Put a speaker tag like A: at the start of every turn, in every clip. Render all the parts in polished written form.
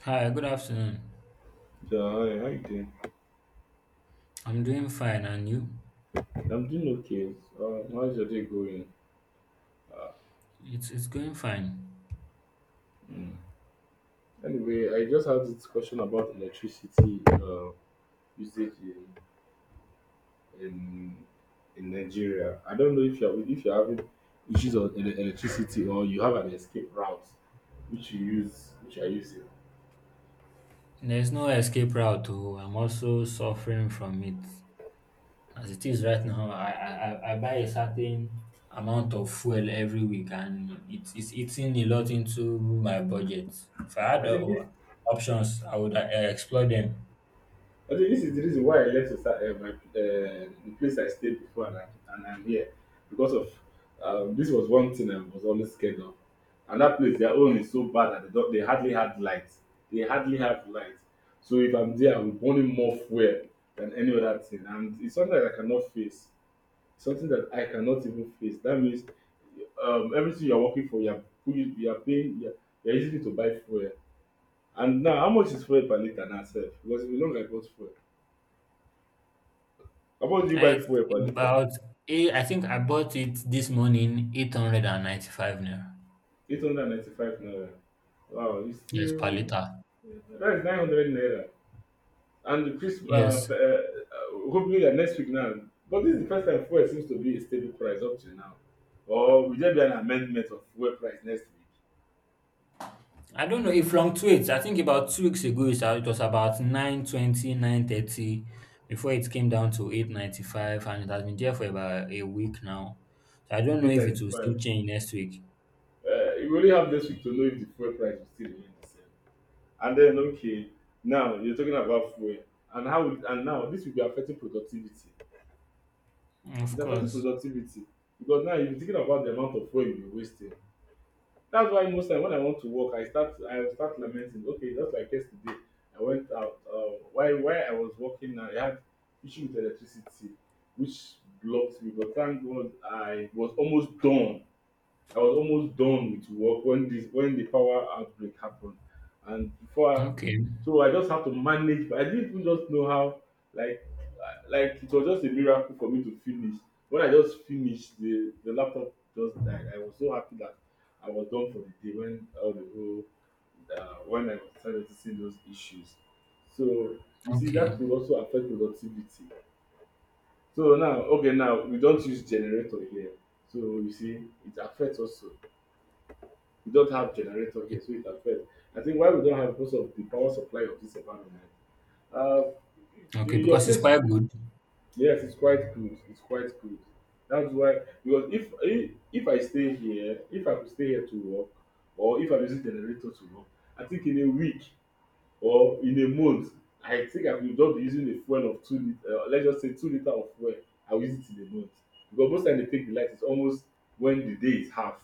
A: Hi, good afternoon.
B: Yeah, hi, how you doing?
A: I'm doing fine, and you?
B: I'm doing okay. How's your day going? Uh,
A: It's going fine.
B: mm. Anyway, I just had this question about electricity usage in in Nigeria. I don't know if you're having issues on electricity, or you have an escape route which you're using.
A: There's no escape route. To I'm also suffering from it as it is right now. I buy a certain amount of fuel every week, and it's eating a lot into my budget. If I had
B: I think this
A: options, I would explore them.
B: I think this is the reason why I left Osa, the place I stayed before, and I'm here. Because of This was one thing I was always scared of. And that place, their own is so bad that they, don't, they hardly had light. They hardly have light. So if I'm there, I'm burning more fuel than any other thing. And it's something that I cannot face. Something that I cannot even face. That means, everything you're working for, you're paying, you're using it to buy fuel. And now, how much is fuel per liter now, sir? Because if you long I got fuel. How much do you buy
A: It's
B: fuel per litre?
A: about eight, I think I bought it this morning, 895 naira.
B: 895 naira. Wow, it's
A: Yes, per
B: still
A: liter.
B: that is 900 naira. And Chris,
A: Yes,
B: hopefully that next week now. But this is the first time fuel seems to be a stable price up till now. Or will there be an amendment of fuel price next week?
A: I don't know, it fluctuates. I think about 2 weeks ago it was about 920, 930. Before it came down to 895 and it has been there for about a week now. So I don't know
B: Eight
A: if it will still
B: ninety-five.
A: change next week.
B: We only have next week to know if the fuel price will still remain the same. And then okay, now you're talking about fuel and now this will be affecting productivity.
A: Of
B: It's affecting
A: course.
B: productivity because now you're thinking about the amount of fuel you are wasting. That's why most time when I want to work, I start lamenting. Okay, just like yesterday, I went out. Why I was working, I had issue with electricity, which blocked me. But thank God, I was almost done with work when the power outbreak happened, and before, I,
A: Okay,
B: so I just had to manage. But I didn't even just know how. Like, like, it was just a miracle for me to finish. When I just finished, the laptop just died. I was so happy that I was done for the day, when all the whole when I started to see those issues. So you see, that
A: okay.
B: could also affect productivity. So now, okay, now we don't use generator here. So you see, it affects also. We don't have generator here, so it affects. I think why we don't have, because of the power supply of this environment. Uh,
A: Okay,
B: your
A: because it's
B: place,
A: quite good.
B: yes, it's quite good. It's quite good. That's why, because if I could stay here to work, or if I'm using generator to work, I think in a week or in a month, I will just be using a fuel of 2 liter. Let's just say 2 liter of fuel. I will use it in a month, because most time they take the light is almost when the day is half,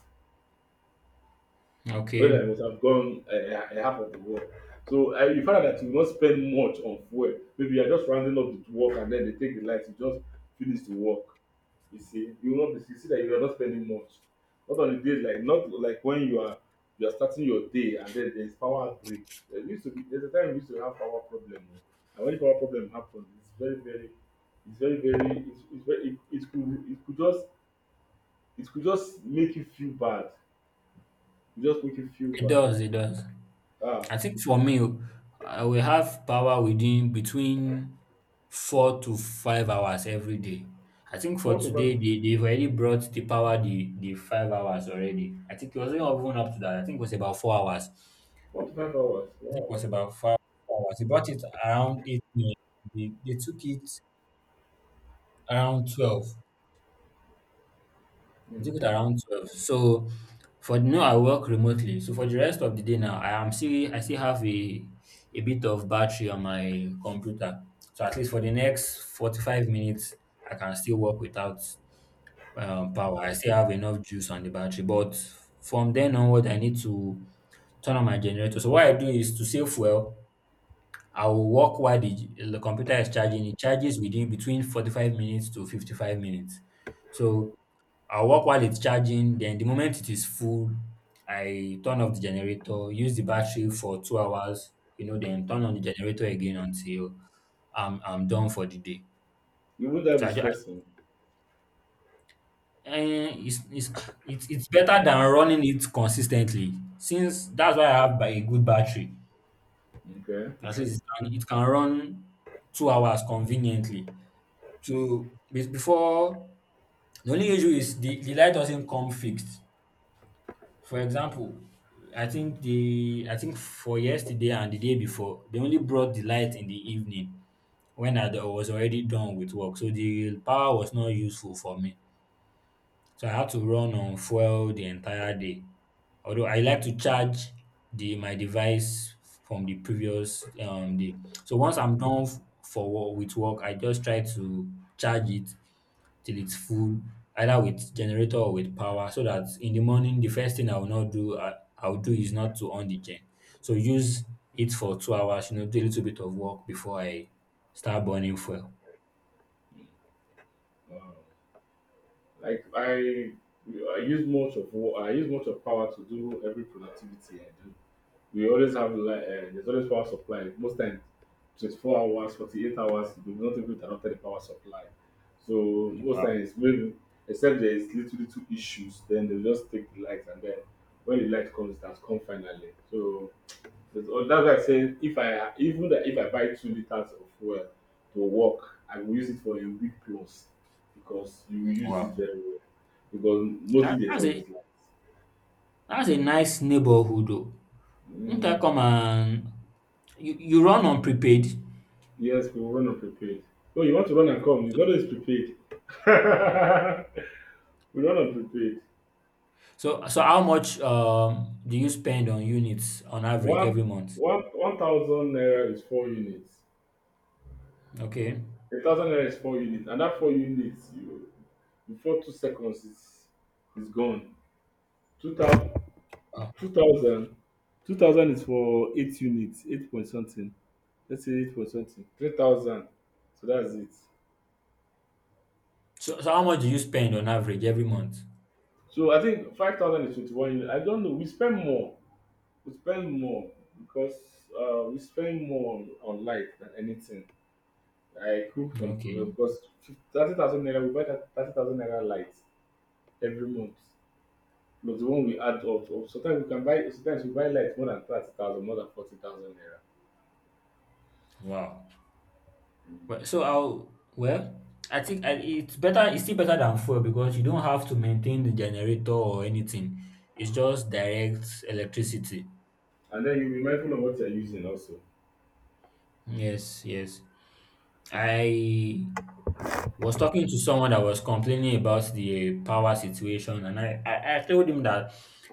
B: when
A: Okay.
B: I must have gone half of the work. So, you find out that you will not spend much on fuel. Maybe you are just rounding up the work and then they take the lights, you just finish the work. You see that you are not spending much. Not on the days, not like when you are starting your day, and then there is power break. There's a time we used to have power problem, oh. And when power problem happens, it's very very it could just make you feel bad. It just make you feel
A: It
B: bad.
A: does, it does.
B: Ah.
A: I think for me, oh, I will have power within between 4 to 5 hours every day. I think for
B: Four to five.
A: today, they've already brought the power the 5 hours already. I think it wasn't even up to that. I think it was about 4 hours. I
B: 4 to 5 hours.
A: think it
B: Wow.
A: was about 5 hours. They brought it around 8 minutes. They took it around 12. I
B: Mm.
A: Took it around 12. So for now I work remotely. So for the rest of the day now, I still have a bit of battery on my computer. So at least for the next 45 minutes, I can still work without power. I still have enough juice on the battery. But from then onward, I need to turn on my generator. So what I do is to save fuel, I will work while the computer is charging. It charges within between 45 minutes to 55 minutes. So I work while it's charging, then the moment it is full, I turn off the generator, use the battery for two hours, then turn on the generator again until I'm done for the day.
B: You would have
A: So
B: been
A: I just,
B: stressing.
A: it's, it's it's better than running it consistently since that's why I have by a good battery.
B: Okay.
A: At least it can run 2 hours conveniently. So before the only issue is the light doesn't come fixed. For example, I think for yesterday and the day before, they only brought the light in the evening when I was already done with work. So the power was not useful for me. So I had to run on fuel the entire day. Although I like to charge the my device from the previous day. So once I'm done for with work, I just try to charge it till it's full, either with generator or with power, so that in the morning, the first thing I will not do, I, I'll do is not to on the gen. So use it for two hours, do a little bit of work before I start burning fuel.
B: Wow. Like I use much of power to do every productivity I do. We always have, like, there's always power supply. Most times, 24 hours, 48 hours, we don't even cannot tell the power supply. So most
A: Wow.
B: times, maybe, except there is little little issues, then they will just take the light, and then when the light comes, it has come finally. So that's why I say, if I buy 2 liters of fuel to work, I will use it for a week plus, because you will use it
A: Wow.
B: very well. Because mostly
A: That,
B: there's
A: that's a
B: always light.
A: that's a nice neighborhood though. Won't I
B: Mm,
A: come and you run on prepaid?
B: yes, we run on prepaid. Oh, you want to run and come? You
A: So,
B: don't know it's prepaid. We run on prepaid.
A: so, how much do you spend on units on average every
B: One
A: month?
B: one thousand naira is four units.
A: Okay.
B: A thousand naira is four units, and that four units you, before 2 seconds, is gone. Two
A: Wow.
B: thousand 2000 2,000 is for 8 units, 8 point something. Let's say 8 point something. 3,000. So that's it.
A: So, how much do you spend on average every month?
B: So I think 5,000 is 21 units. I don't know. We spend more. We spend more, because we spend more on light than anything. I cook on,
A: Okay.
B: because 30,000 naira, we buy 30,000 naira lights every month. But the one we add up to, sometimes we can buy, sometimes we buy lights more than 30,000, more than 40,000 naira.
A: Wow. Well, I think it's better. It's still better than fuel because you don't have to maintain the generator or anything. It's just direct electricity.
B: And then you be mindful of what you're using also.
A: Yes, yes. I was talking to someone that was complaining about the power situation, and I told him that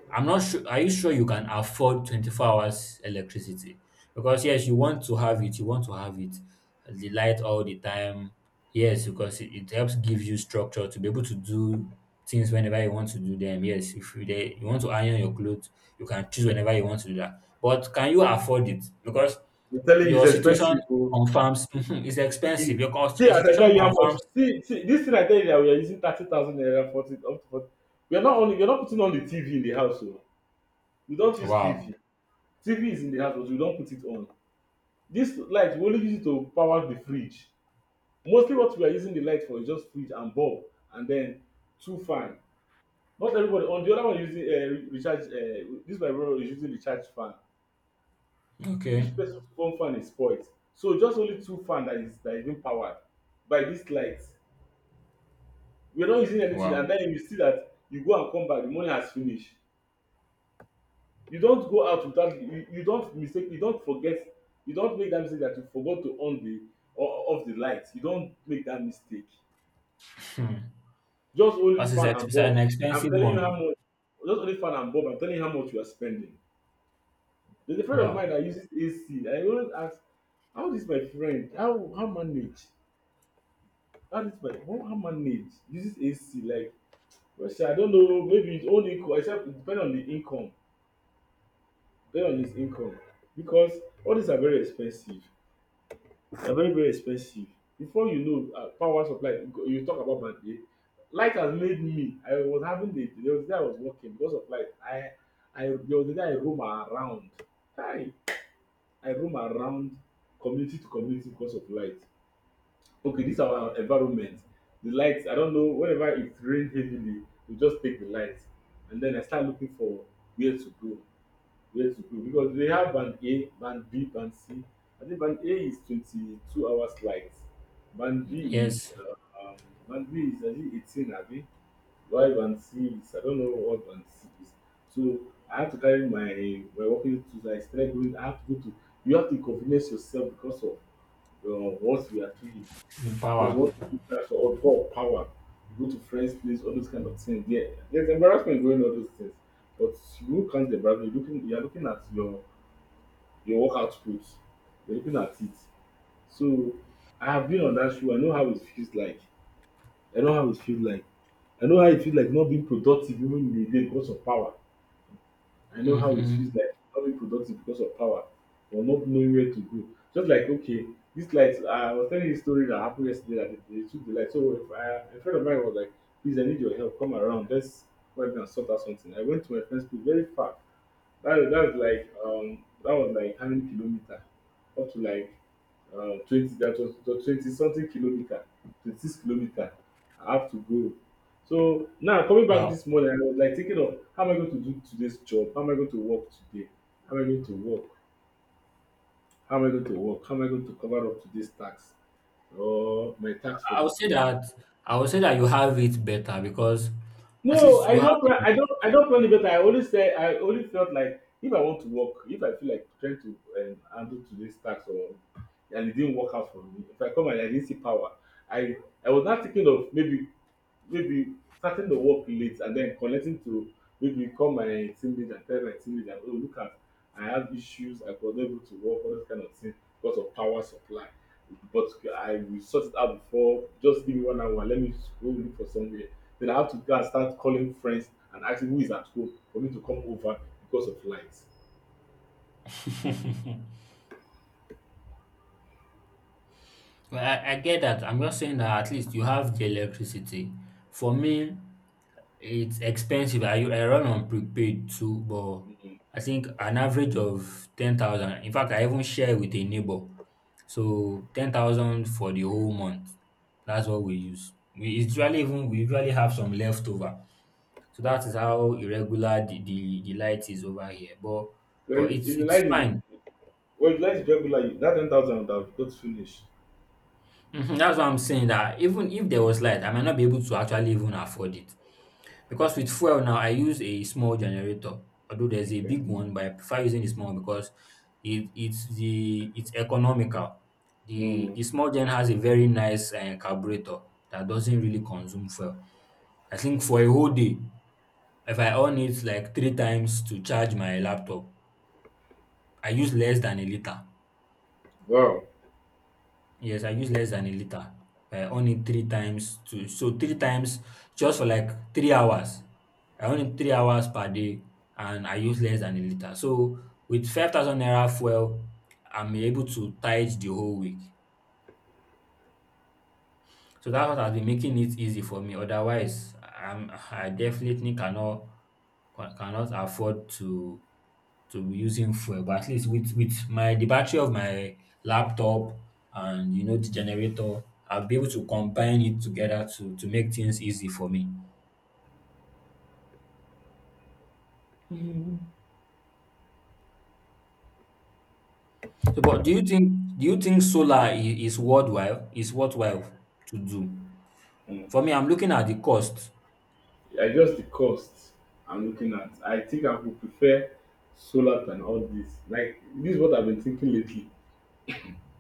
A: I'm not sure. Are you sure you can afford 24 hours electricity? Because yes, you want to have it, you want to have it, the light all the time. Yes, because it helps give you structure to be able to do things whenever you want to do them. Yes, if you want to iron your clothes, you can choose whenever you want to do that. But can you afford it? Because
B: I'm telling you, it's
A: your situation
B: expensive. Oh.
A: confirms it's expensive.
B: It- See,
A: Your
B: as I tell
A: situation
B: you how much.
A: confirms.
B: See, this thing I tell you that we are using 30,000 naira, 40, up to 40. We are not putting on the TV in the house. Oh. We don't use
A: Wow.
B: TV. TV is in the house, but we don't put it on. This light, we only use it to power the fridge. Mostly what we are using the light for is just fridge and bulb, and then two fan. Not everybody. On the other one, using recharge. This my brother is using recharge fan.
A: Okay.
B: Each person's own fan is spoiled. So just only two fan that is being powered by this light. We're not using anything,
A: Wow.
B: and then you see that you go and come back, the money has finished. You don't go out without, you don't make that mistake, that you forgot to on the, or off the light. You don't make that mistake.
A: Hmm.
B: Just only fan and
A: It's an
B: bulb. I'm
A: expensive
B: telling you how
A: one.
B: much, just only fan and bulb, I'm telling you how much you are spending. There's a friend of mine that
A: Wow.
B: uses AC. I always ask how this my friend how how manage how this my how manage uses AC. Like, well, sha, I don't know, maybe his own income, except it depend on the income. Based on his income, because all these are very expensive. They are very very expensive. Before you know, power supply, you talk about Mande. Light has made me. I was having the There was a day I was working because of light. I There was a day I roam around. Hi, I roam around community to community because of light. Okay, this our environment, the lights. I don't know, whenever it rains heavily we just take the lights, and then I start looking for where to go. Where to go? Because they have band A, band B, band C. I think band A is 22 hours flight. Band B is
A: Yes.
B: uh, um, Band B is, I think, 18, abi. Why band C is, I don't know what band C is. So I have to carry my working tools. I started going. I have to go to. You have to inconvenience yourself, because of what we are doing.
A: The
B: Because you
A: power.
B: want to put pressure, or go of power. You go to friends' place, all those kind of things. Yeah, there's embarrassment going on, all those things. But you can't embarrass. You're looking. You're looking at your work output. You're looking at it. So I have been on that shoe. I know how it feels like. I know how it feels like. I know how it feels like not being productive even in the day because of power. I know how it feels
A: Mm-hmm.
B: like not being productive because of power, or not knowing where to go. Just like, okay, this light. I was telling you a story that happened yesterday, that they took the light. So, if I, a friend of mine was like, "Please, I need your help. Come around. Let's go ahead and sort out something." I went to my friend's place very far, that was like, how many kilometer? Up to like, 20, that was 20 something kilometer, 26 kilometer. I have to go. So now coming back
A: Wow.
B: this morning, I was like thinking of how am I going to do today's job? How am I going to work today? How am I going to work? How am I going to work? How am I going to cover up today's tax or my tax for
A: I
B: the
A: would say
B: day?
A: that I would say that you have it better because at
B: No,
A: least
B: I
A: you have
B: don't plan.
A: the
B: I don't. I don't plan it better. I always say. I always felt like if I want to work, if I feel like trying to handle today's task, or and it didn't work out for me, if I come and I didn't see power, I I was not thinking of maybe, maybe starting the work late and then connecting to maybe call my team lead and tell my team lead that, oh, look at, I have issues. I was not able to work all this kind of thing because of power supply. But I will sort it out before. Just give me 1 hour. Let me go look for somewhere, then I have to go and start calling friends and asking who is at home for me to come over because of lights.
A: well, I get that. I'm just saying that at least you have the electricity. For me, it's expensive. I run on prepaid too, but I think an average of 10,000. In fact, I even share with a neighbor. So 10,000 for the whole month. That's what we use. We usually have some leftover. So that is how irregular the light is over here. But but
B: When if
A: it's
B: the
A: it's
B: light is,
A: fine.
B: well, if the light is regular, that 10,000 would have got finished.
A: Mhm. That's what I'm saying. That even if there was light, I might not be able to actually even afford it. Because with fuel now, I use a small generator, although there's a
B: Okay.
A: big one, but I prefer using the small because it's economical. The
B: Mm.
A: the small gen has a very nice carburetor that doesn't really consume fuel. I think for a whole day, if I on it like three times to charge my laptop, I use less than a litre.
B: Wow.
A: Yes, I use less than a liter. I on it three times to so three times just for like 3 hours. I on it 3 hours per day and I use less than a liter. So with 5,000 naira fuel, I'm able to tide the whole week. So that has been making it easy for me. Otherwise, I definitely cannot afford to be using fuel. But at least with my the battery of my laptop and the generator, I'll be able to combine it together to make things easy for me. So, but do you think solar is worthwhile to do?
B: Mm.
A: For me, I'm looking at the cost.
B: I just the cost I'm looking at. I think I would prefer solar than all this. Like this is what I've been thinking lately.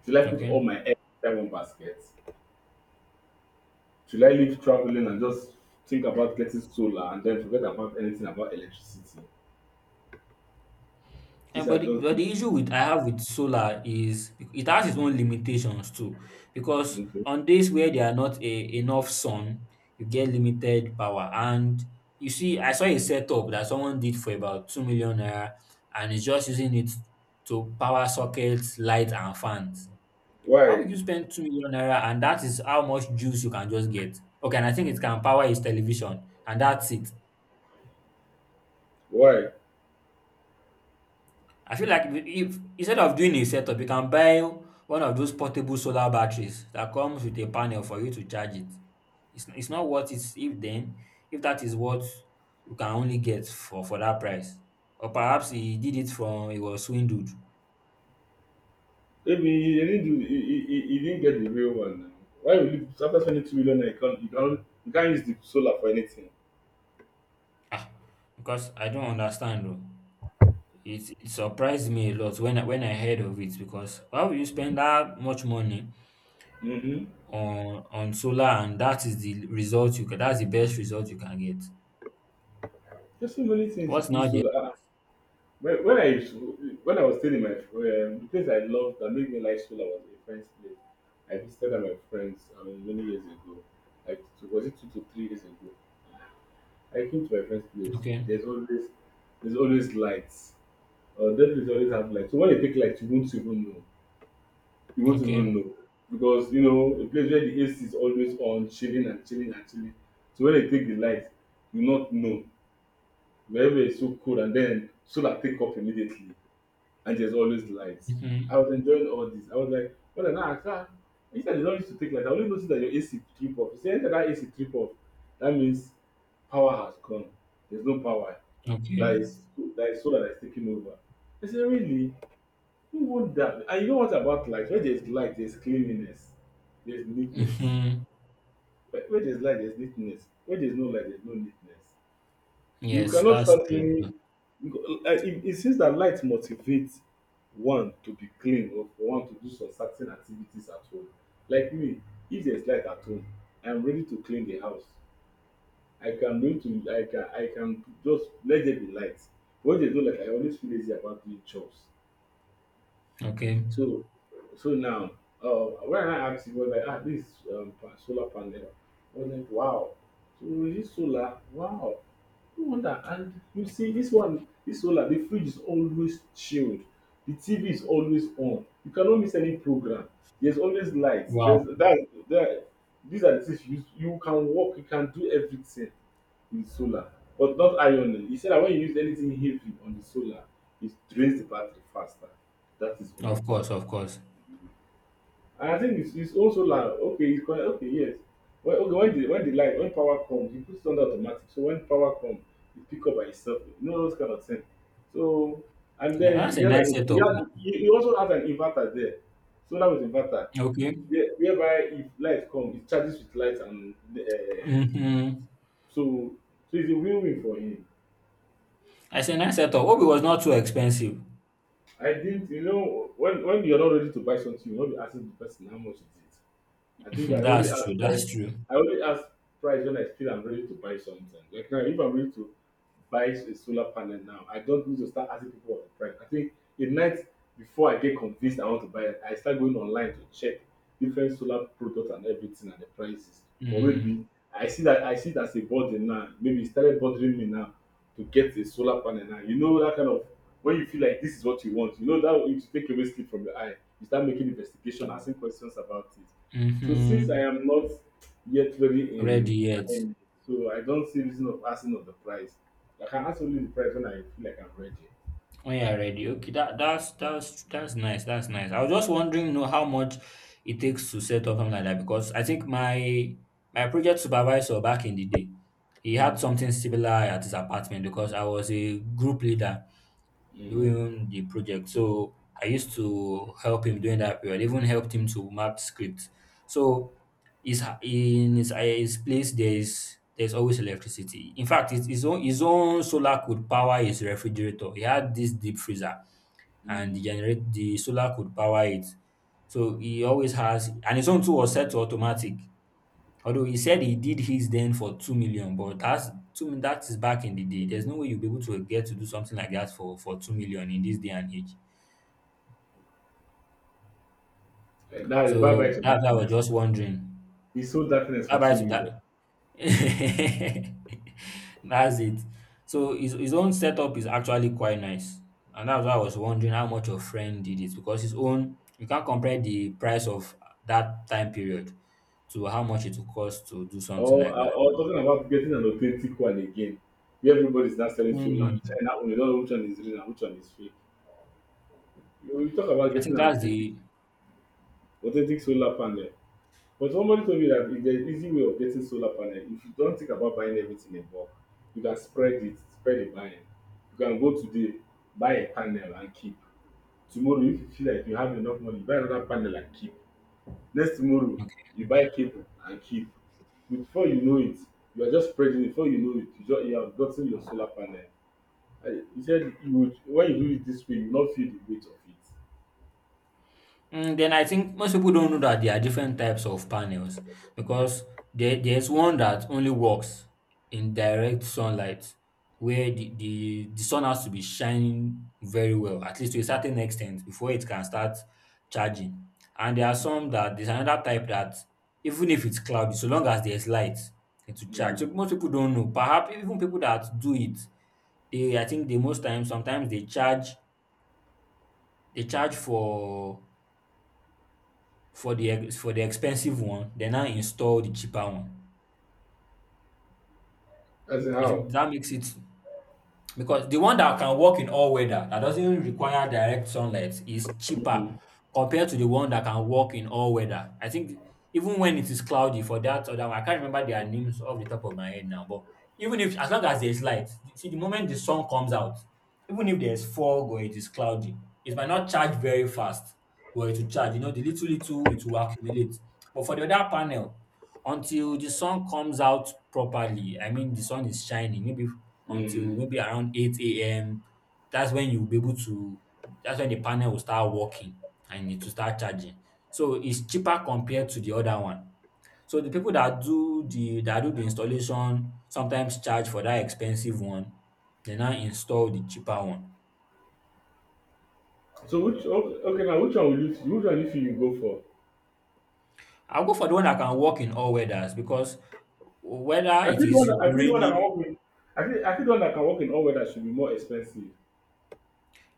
B: Should I put all
A: Okay.
B: my eggs in one basket? Should I leave traveling and just think about getting solar and then forget about anything about electricity? These
A: And
B: are
A: but the,
B: just
A: but
B: the-
A: the issue with I have with solar is it has its own limitations too, because
B: okay.
A: on days where there are not enough sun, you get limited power. And you see, I saw a setup that someone did for about 2 million naira, and is just using it to power sockets, lights, and fans. How
B: Why?
A: would you spend 2 million naira, and that is how much juice you can just get? Okay, and I think it can power his television, and that's it.
B: Why?
A: I feel like if instead of doing a setup, you can buy one of those portable solar batteries that comes with a panel for you to charge it. It's not what it's. If that is what you can only get for that price, or perhaps he did it from he was swindled.
B: Maybe he didn't do, he didn't get the real one now. Why would you after spending 2 million you can't, you can't, you can't use the solar for anything?
A: Ah, because I don't understand though. It surprised me a lot when when I heard of it because why would you spend that much money
B: Mm-hmm.
A: on solar and that's the best result you can get.
B: There's so many things you
A: What's
B: could use
A: now the
B: solar. Ah, when I used to- when I was still in my the place I loved that made me like solar was a friend's place. I visited at my friends, I mean, many years ago. Like two- was it 2 to 3 years ago? I came to my friend's place.
A: okay?
B: There's always there's always lights. That place always have lights. So when they take lights, you won't even know. You won't
A: Okay.
B: even know because you know a place where the AC is always on, chilling and chilling and chilling. So when they take the light, you not know wherever it's so cold, and then solar take up immediately, and there's always light. I
A: Mhm.
B: was enjoying all this. I was like, well, now I can't. Instead, they don't used to take light. I only noticed that your AC trip off. You see, anytime that AC trip off, that means power has gone. There's no power.
A: Okay.
B: That is that is solar that's taking over. I said, really? Who want that? And you know what about light? Where there's light, there's cleanliness, there's neatness.
A: Mhm.
B: Where there's light, there's neatness. Where there's no light, there's no neatness. You
A: Yes,
B: cannot
A: that's
B: start
A: true too.
B: cleaning because- it seems that light motivates one to be clean or for one to do some certain activities at home. Like me, if there's light at home, I'm ready to clean the house. I can ready to I can just let there be light. When there's no light, I always feel lazy about doing chores.
A: Okay.
B: So, so now, when I asked you, was like, ah, this solar panel. I was like, wow. So is this solar? Wow. No wonder. And you see, this one, this solar, the fridge is always chilled. The TV is always on. You cannot miss any program. There's always lights.
A: Wow.
B: There's that. That these are the things you use. You can walk. You can do everything with solar, but not ironing. He said that when you use anything heavy on the solar, it drains the battery faster. That is all.
A: Of course, of course.
B: And I think it's also like okay, it's quite okay, yes. When okay, when the light when power comes, you puts it under automatic. So when power comes, it pick up by itself. You know those kind of thing. So, and
A: Now,
B: then
A: that's
B: he
A: a
B: has
A: nice
B: an he,
A: setup.
B: had,
A: Oh.
B: he he also has an inverter there, solar with inverter.
A: Okay.
B: Yeah, whereby if light comes, it charges with light, and uh,
A: Mm-hmm.
B: so so it's a win-win for him.
A: That's a nice setup. Hope it was not too expensive.
B: I didn't, you know, when you're not ready to buy something, you'll not be asking the person how much it is. I think I only
A: that's true.
B: ask
A: That's
B: price.
A: true.
B: I only ask price when I feel I'm ready to buy something. Like now, if I'm ready to buy a solar panel now, I don't need to start asking people for the price. I think a night before I get convinced I want to buy it, I start going online to check different solar products and everything and the prices. Or
A: Mm-hmm.
B: maybe I see it as a burden now. Maybe it started bothering me now to get a solar panel now. You know that kind of, when you feel like this is what you want, you know that it will take away sleep from your eye. You start making investigation, asking questions about it. So since I
A: Mm-hmm.
B: am not yet very
A: Ready
B: in
A: yet.
B: buying it, so I don't see reason of asking of the price. I can ask only the price when I feel like I'm ready.
A: Oh yeah, ready. Okay, that's nice. That's nice. I was just wondering, how much it takes to set up something like that because I think my project supervisor back in the day, he
B: Mm.
A: had something similar at his apartment because I was a group leader
B: Mm,
A: doing the project. So I used to help him during that period, even helped him to map scripts. So in his place, there's always electricity. In fact, his own solar could power his refrigerator. He had this deep freezer and the,
B: mm.
A: generate, the solar could power it. So he always has, and his own too was set to automatic. Although he said he did his then for 2 million, but that's that is back in the day. There's no way you'll be able to get to do something like that for 2 million in this day and age.
B: Like that is bye bye
A: So
B: to
A: that's why I was
B: darkness.
A: just wondering.
B: He sold darkness
A: Bye
B: for
A: bye
B: two
A: to
B: million.
A: that. That's it. So his own setup is actually quite nice. And that's why I was wondering how much your friend did it because his own you can't compare the price of that time period to how much it will cost to do something like that.
B: Or talking about getting an authentic one again, where everybody's not selling solar.
A: Hmm.
B: China, we don't know which one is real and which one is fake. You talk about
A: I
B: getting
A: think
B: an
A: that's
B: authentic,
A: the
B: authentic solar panel. But somebody told me that if there's an easy way of getting solar panel, if you don't think about buying everything in bulk, you can spread it, spread the buying. You can go today, buy a panel and keep. Tomorrow, if you feel like you have enough money, buy another panel and keep. Next tomorrow, you buy cable and keep. Before you know it, you are just spreading it. Before you know it, you, just, you have gotten your solar panel. I- He said you would, when you do it this way, you will not feel the weight of it.
A: Mm, then I think most people don't know that there are different types of panels because there's one that only works in direct sunlight where the sun has to be shining very well, at least to a certain extent, before it can start charging. And there are
B: Mm.
A: some that there's another type that even if it's cloudy, so long as there's light, it will charge.
B: Mm.
A: So most people don't know. Perhaps even people that do it, they I think they most times sometimes they charge for the ex- for the expensive one, they now install the cheaper one.
B: As in
A: I
B: how?
A: think that makes it because the one that can work in all weather that doesn't require direct sunlight is cheaper
B: Mm.
A: compared to the one that can work in all weather. I think even when it is cloudy for that other one, I can't remember their names off the top of my head now, but even if as long as there's light, see the moment the sun comes out, even if there's fog or it is cloudy, it might not charge very fast, but it will charge. You know, the little little it will accumulate. But for the other panel, until the sun comes out properly, I mean the sun is shining maybe until
B: Mm.
A: maybe around 8 AM, that's when you'll be able to that's when the panel will start working and it will start charging. So it's cheaper compared to the other one. So the people that do the installation sometimes charge for that expensive one, they now install the cheaper one.
B: So which, okay, okay now which one will you, which one you feel you go for?
A: I'll go for the one that can work in all weathers because whether it is
B: I feel the one that can
A: raining.
B: work in, I feel the one that can work in all weather should be more expensive.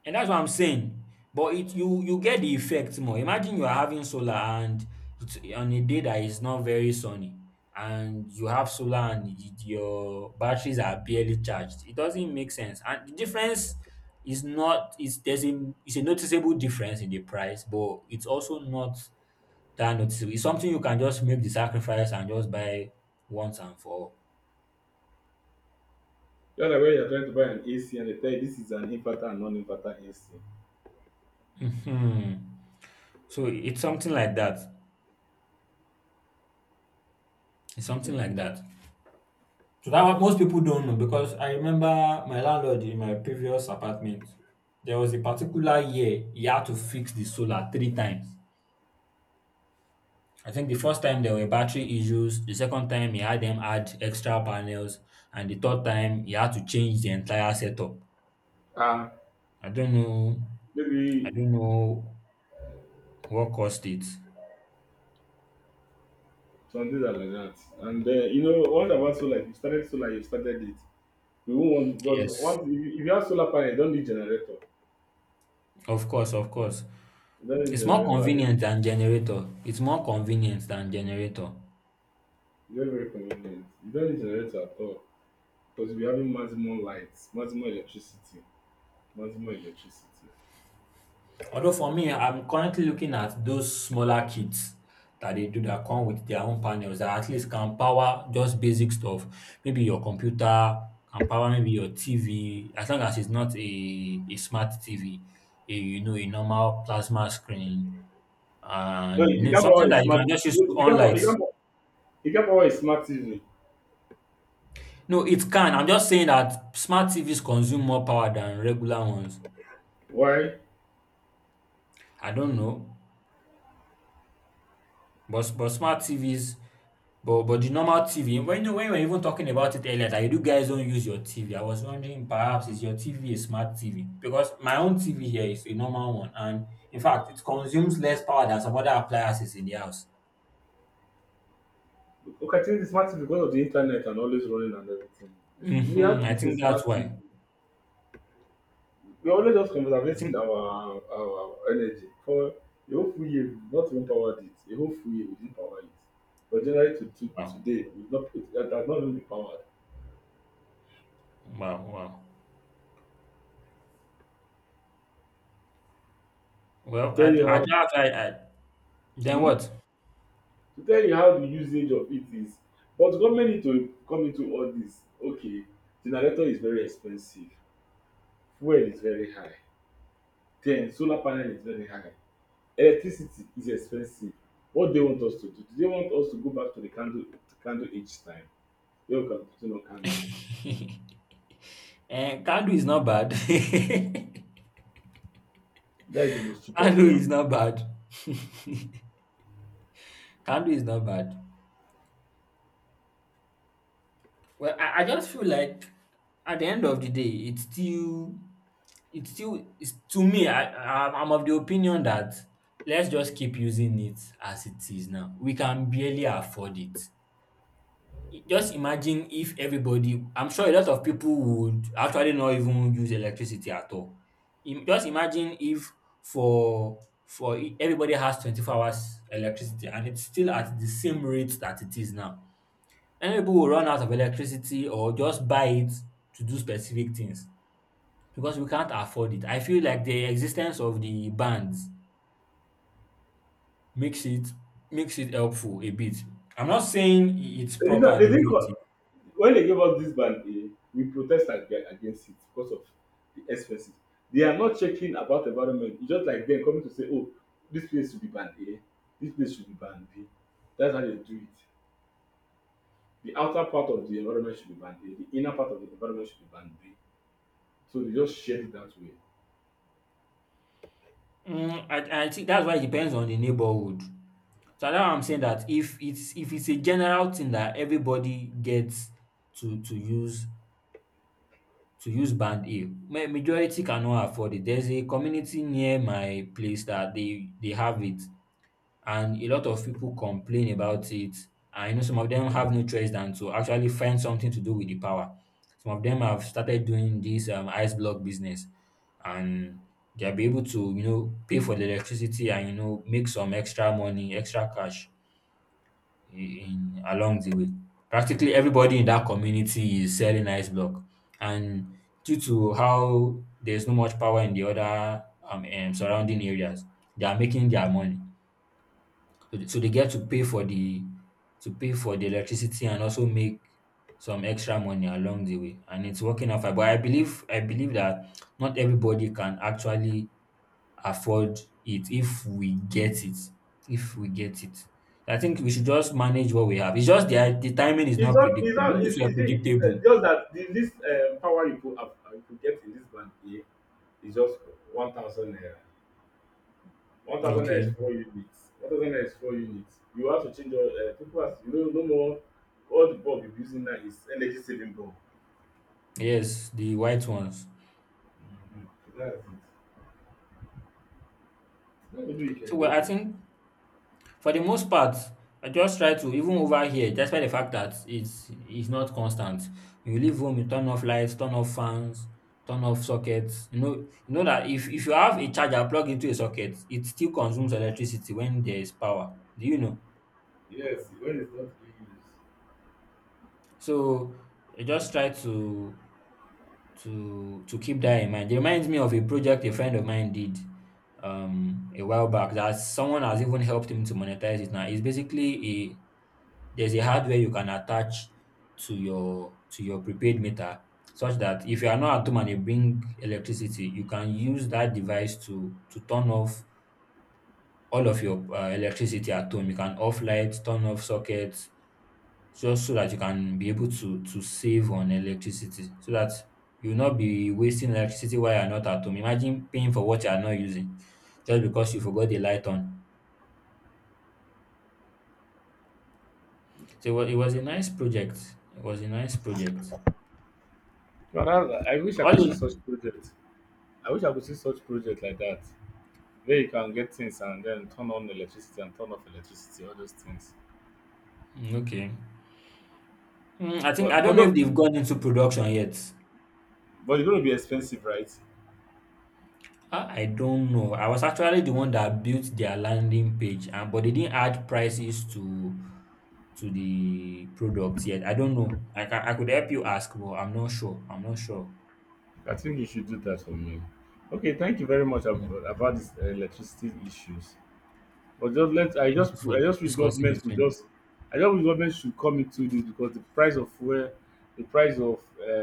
A: And that's what I'm saying. But it you you get the effect more. Imagine you are having solar and it's on a day that is not very sunny, and you have solar and your batteries are barely charged. It doesn't make sense. And the difference is not is there's a noticeable difference in the price, but it's also not that noticeable. It's something you can just make the sacrifice and just buy once and for all.
B: The one that where you're trying to buy an AC and they tell you this is an inverter and non-inverter AC.
A: Mhm. So it's something like that. It's something
B: Hmm.
A: like that. So that what most people don't know because I remember my landlord in my previous apartment. There was a particular year he had to fix the solar three times. I think the first time there were battery issues, the second time he had them add extra panels, and the third time he had to change the entire setup.
B: Ah,
A: I don't know I
B: maybe
A: don't know what caused it.
B: some things are like that. And then you know one about solar, if you started solar, you started it. You won't want because
A: Yes,
B: once if you have solar panel, you don't need generator.
A: of course, of course.
B: You don't need
A: It's more
B: generator. And it's
A: convenient than generator. It's more convenient than generator.
B: very, very convenient. You don't need generator at all because you'll be having maximum more light, much electricity. But more electricity.
A: Although for me, I'm currently looking at those smaller kits that they do that come with their own panels that at least can power just basic stuff. Maybe your computer can power maybe your TV, as long as it's not a smart TV, a, you know, a normal plasma screen
B: No,
A: and, you
B: you
A: know,
B: can
A: something
B: power a
A: that you
B: smart.
A: can just use to
B: You
A: on
B: can power, you
A: lights.
B: can power, you can power a smart TV.
A: No, it can. I'm just saying that smart TVs consume more power than regular ones.
B: Why?
A: I don't know. But but the normal TV. When, when you were even talking about it earlier, that you guys don't use your TV, I was wondering perhaps is your TV a smart TV? Because my own TV here is a normal one, and in fact, it consumes less power than some other appliances in the house.
B: Okay, I think the smart TV because of the internet and always running and everything. This, we
A: Hmm,
B: have,
A: I
B: this is
A: think that's
B: smart TV.
A: why.
B: We always just
A: I
B: conserving
A: think
B: our energy for a whole full year. We've not even powered it. A whole full year we didn't power it. But generally to
A: Wow,
B: today, we've not it, it has not really been powered.
A: wow, wow.
B: To
A: Well,
B: tell
A: I
B: you
A: I
B: how.
A: just I, I then
B: Hmm?
A: what?
B: To tell you how the usage of it is. But government need to come into all this. Okay, generator is very expensive, fuel is very high, then solar panel is very high, electricity is expensive. What they want us to do? Do they want us to go back to the candle? Candle each time? Where can put in candle?
A: And Kandu is not bad.
B: That is the most cheapest
A: Kandu
B: one.
A: is not bad. Kandu is not bad. Well, I just feel like at the end of the day, it's still, to me, I'm of the opinion that let's just keep using it as it is now. We can barely afford it. Just imagine if everybody, I'm sure a lot of people would actually not even use electricity at all. Just imagine if for for everybody has 24 hours electricity and it's still at the same rate that it is now. Many people will run out of electricity or just buy it to do specific things because we can't afford it. I feel like the existence of the bans makes it makes it helpful a bit. I'm not saying it's
B: You know,
A: proper
B: they
A: the
B: didn't
A: way it
B: call,
A: is.
B: when they gave us this ban, eh, we protest against it because of the expenses. They are not checking about environment. It's just like them coming to say, oh, this place should be banned A, this place should be banned B. That's how they do it. The outer part of the environment should be banned A, the inner part of the environment should be banned B. So they just shared it that way.
A: Mm, I think that's why it depends on the neighborhood. So that's why I'm saying that if it's a general thing that everybody gets to to use to use band A, majority cannot afford it. There's a community near my place that they have it and a lot of people complain about it. And, you know, some of them have no choice than to actually find something to do with the power. Some of them have started doing this ice block business, and they'll be able to, you know, pay for the electricity and, you know, make some extra money, extra cash in along the way. Practically everybody in that community is selling ice block, and due to how there's no much power in the other surrounding areas, they are making their money, so they get to pay for the to pay for the electricity and also make some extra money along the way. And it's working out fine. But I believe that not everybody can actually afford it if we get it. If we get it. I think we should just manage what we have. It's just the timing is
B: It's
A: not
B: not, it's
A: predictable.
B: not,
A: If it's were
B: it's it,
A: predictable,
B: just that the, this power you could get in this band A is just 1,000 naira. 1,000 naira is
A: okay.
B: four units, 1,000 naira is four units. You have to change your people as you know no more. All the bulb you are using now is energy saving bulb.
A: Yes, the white ones.
B: Mm, that's it. Now maybe you can
A: So well,
B: judge
A: I
B: it.
A: think, for the most part, I just try to even over here despite the fact that it's not constant. When you leave home, you turn off lights, turn off fans, turn off sockets. You know that if you have a charger plugged into a socket, it still consumes electricity when there is power. Do you know?
B: Yes, when it's not being used.
A: So I just try to keep that in mind. It reminds me of a project a friend of mine did a while back that someone has even helped him to monetize it now. It's basically a there's a hardware you can attach to your prepaid meter such that if you are not at home and you bring electricity, you can use that device to turn off all of your electricity at home. You can off lights, turn off sockets, just so that you can be able to save on electricity, so that you will not be wasting electricity while you are not at home. Imagine paying for what you are not using just because you forgot the light on. So it was a nice project. It was a nice project.
B: Now, that-
A: All in.
B: I wish I could see such project like that where you can get things and then turn on electricity and turn off electricity all those things.
A: Mm, okay. Mm, I think I
B: but but
A: don't know if
B: tho-
A: they've gone into production yet.
B: but it's going to be expensive, right?
A: I don't know. I was actually the one that built their landing page, and but they didn't add prices to the product yet. I don't know. I could help you ask, but I'm not sure. I'm not sure.
B: I think you should do that for me. Okay, thank you very much
A: Mm,
B: about this electricity issues. But just let
A: thank you for
B: I just wish
A: discussing
B: government
A: with
B: could
A: me.
B: just, I just wish government should come into this because the price of fuel, the price of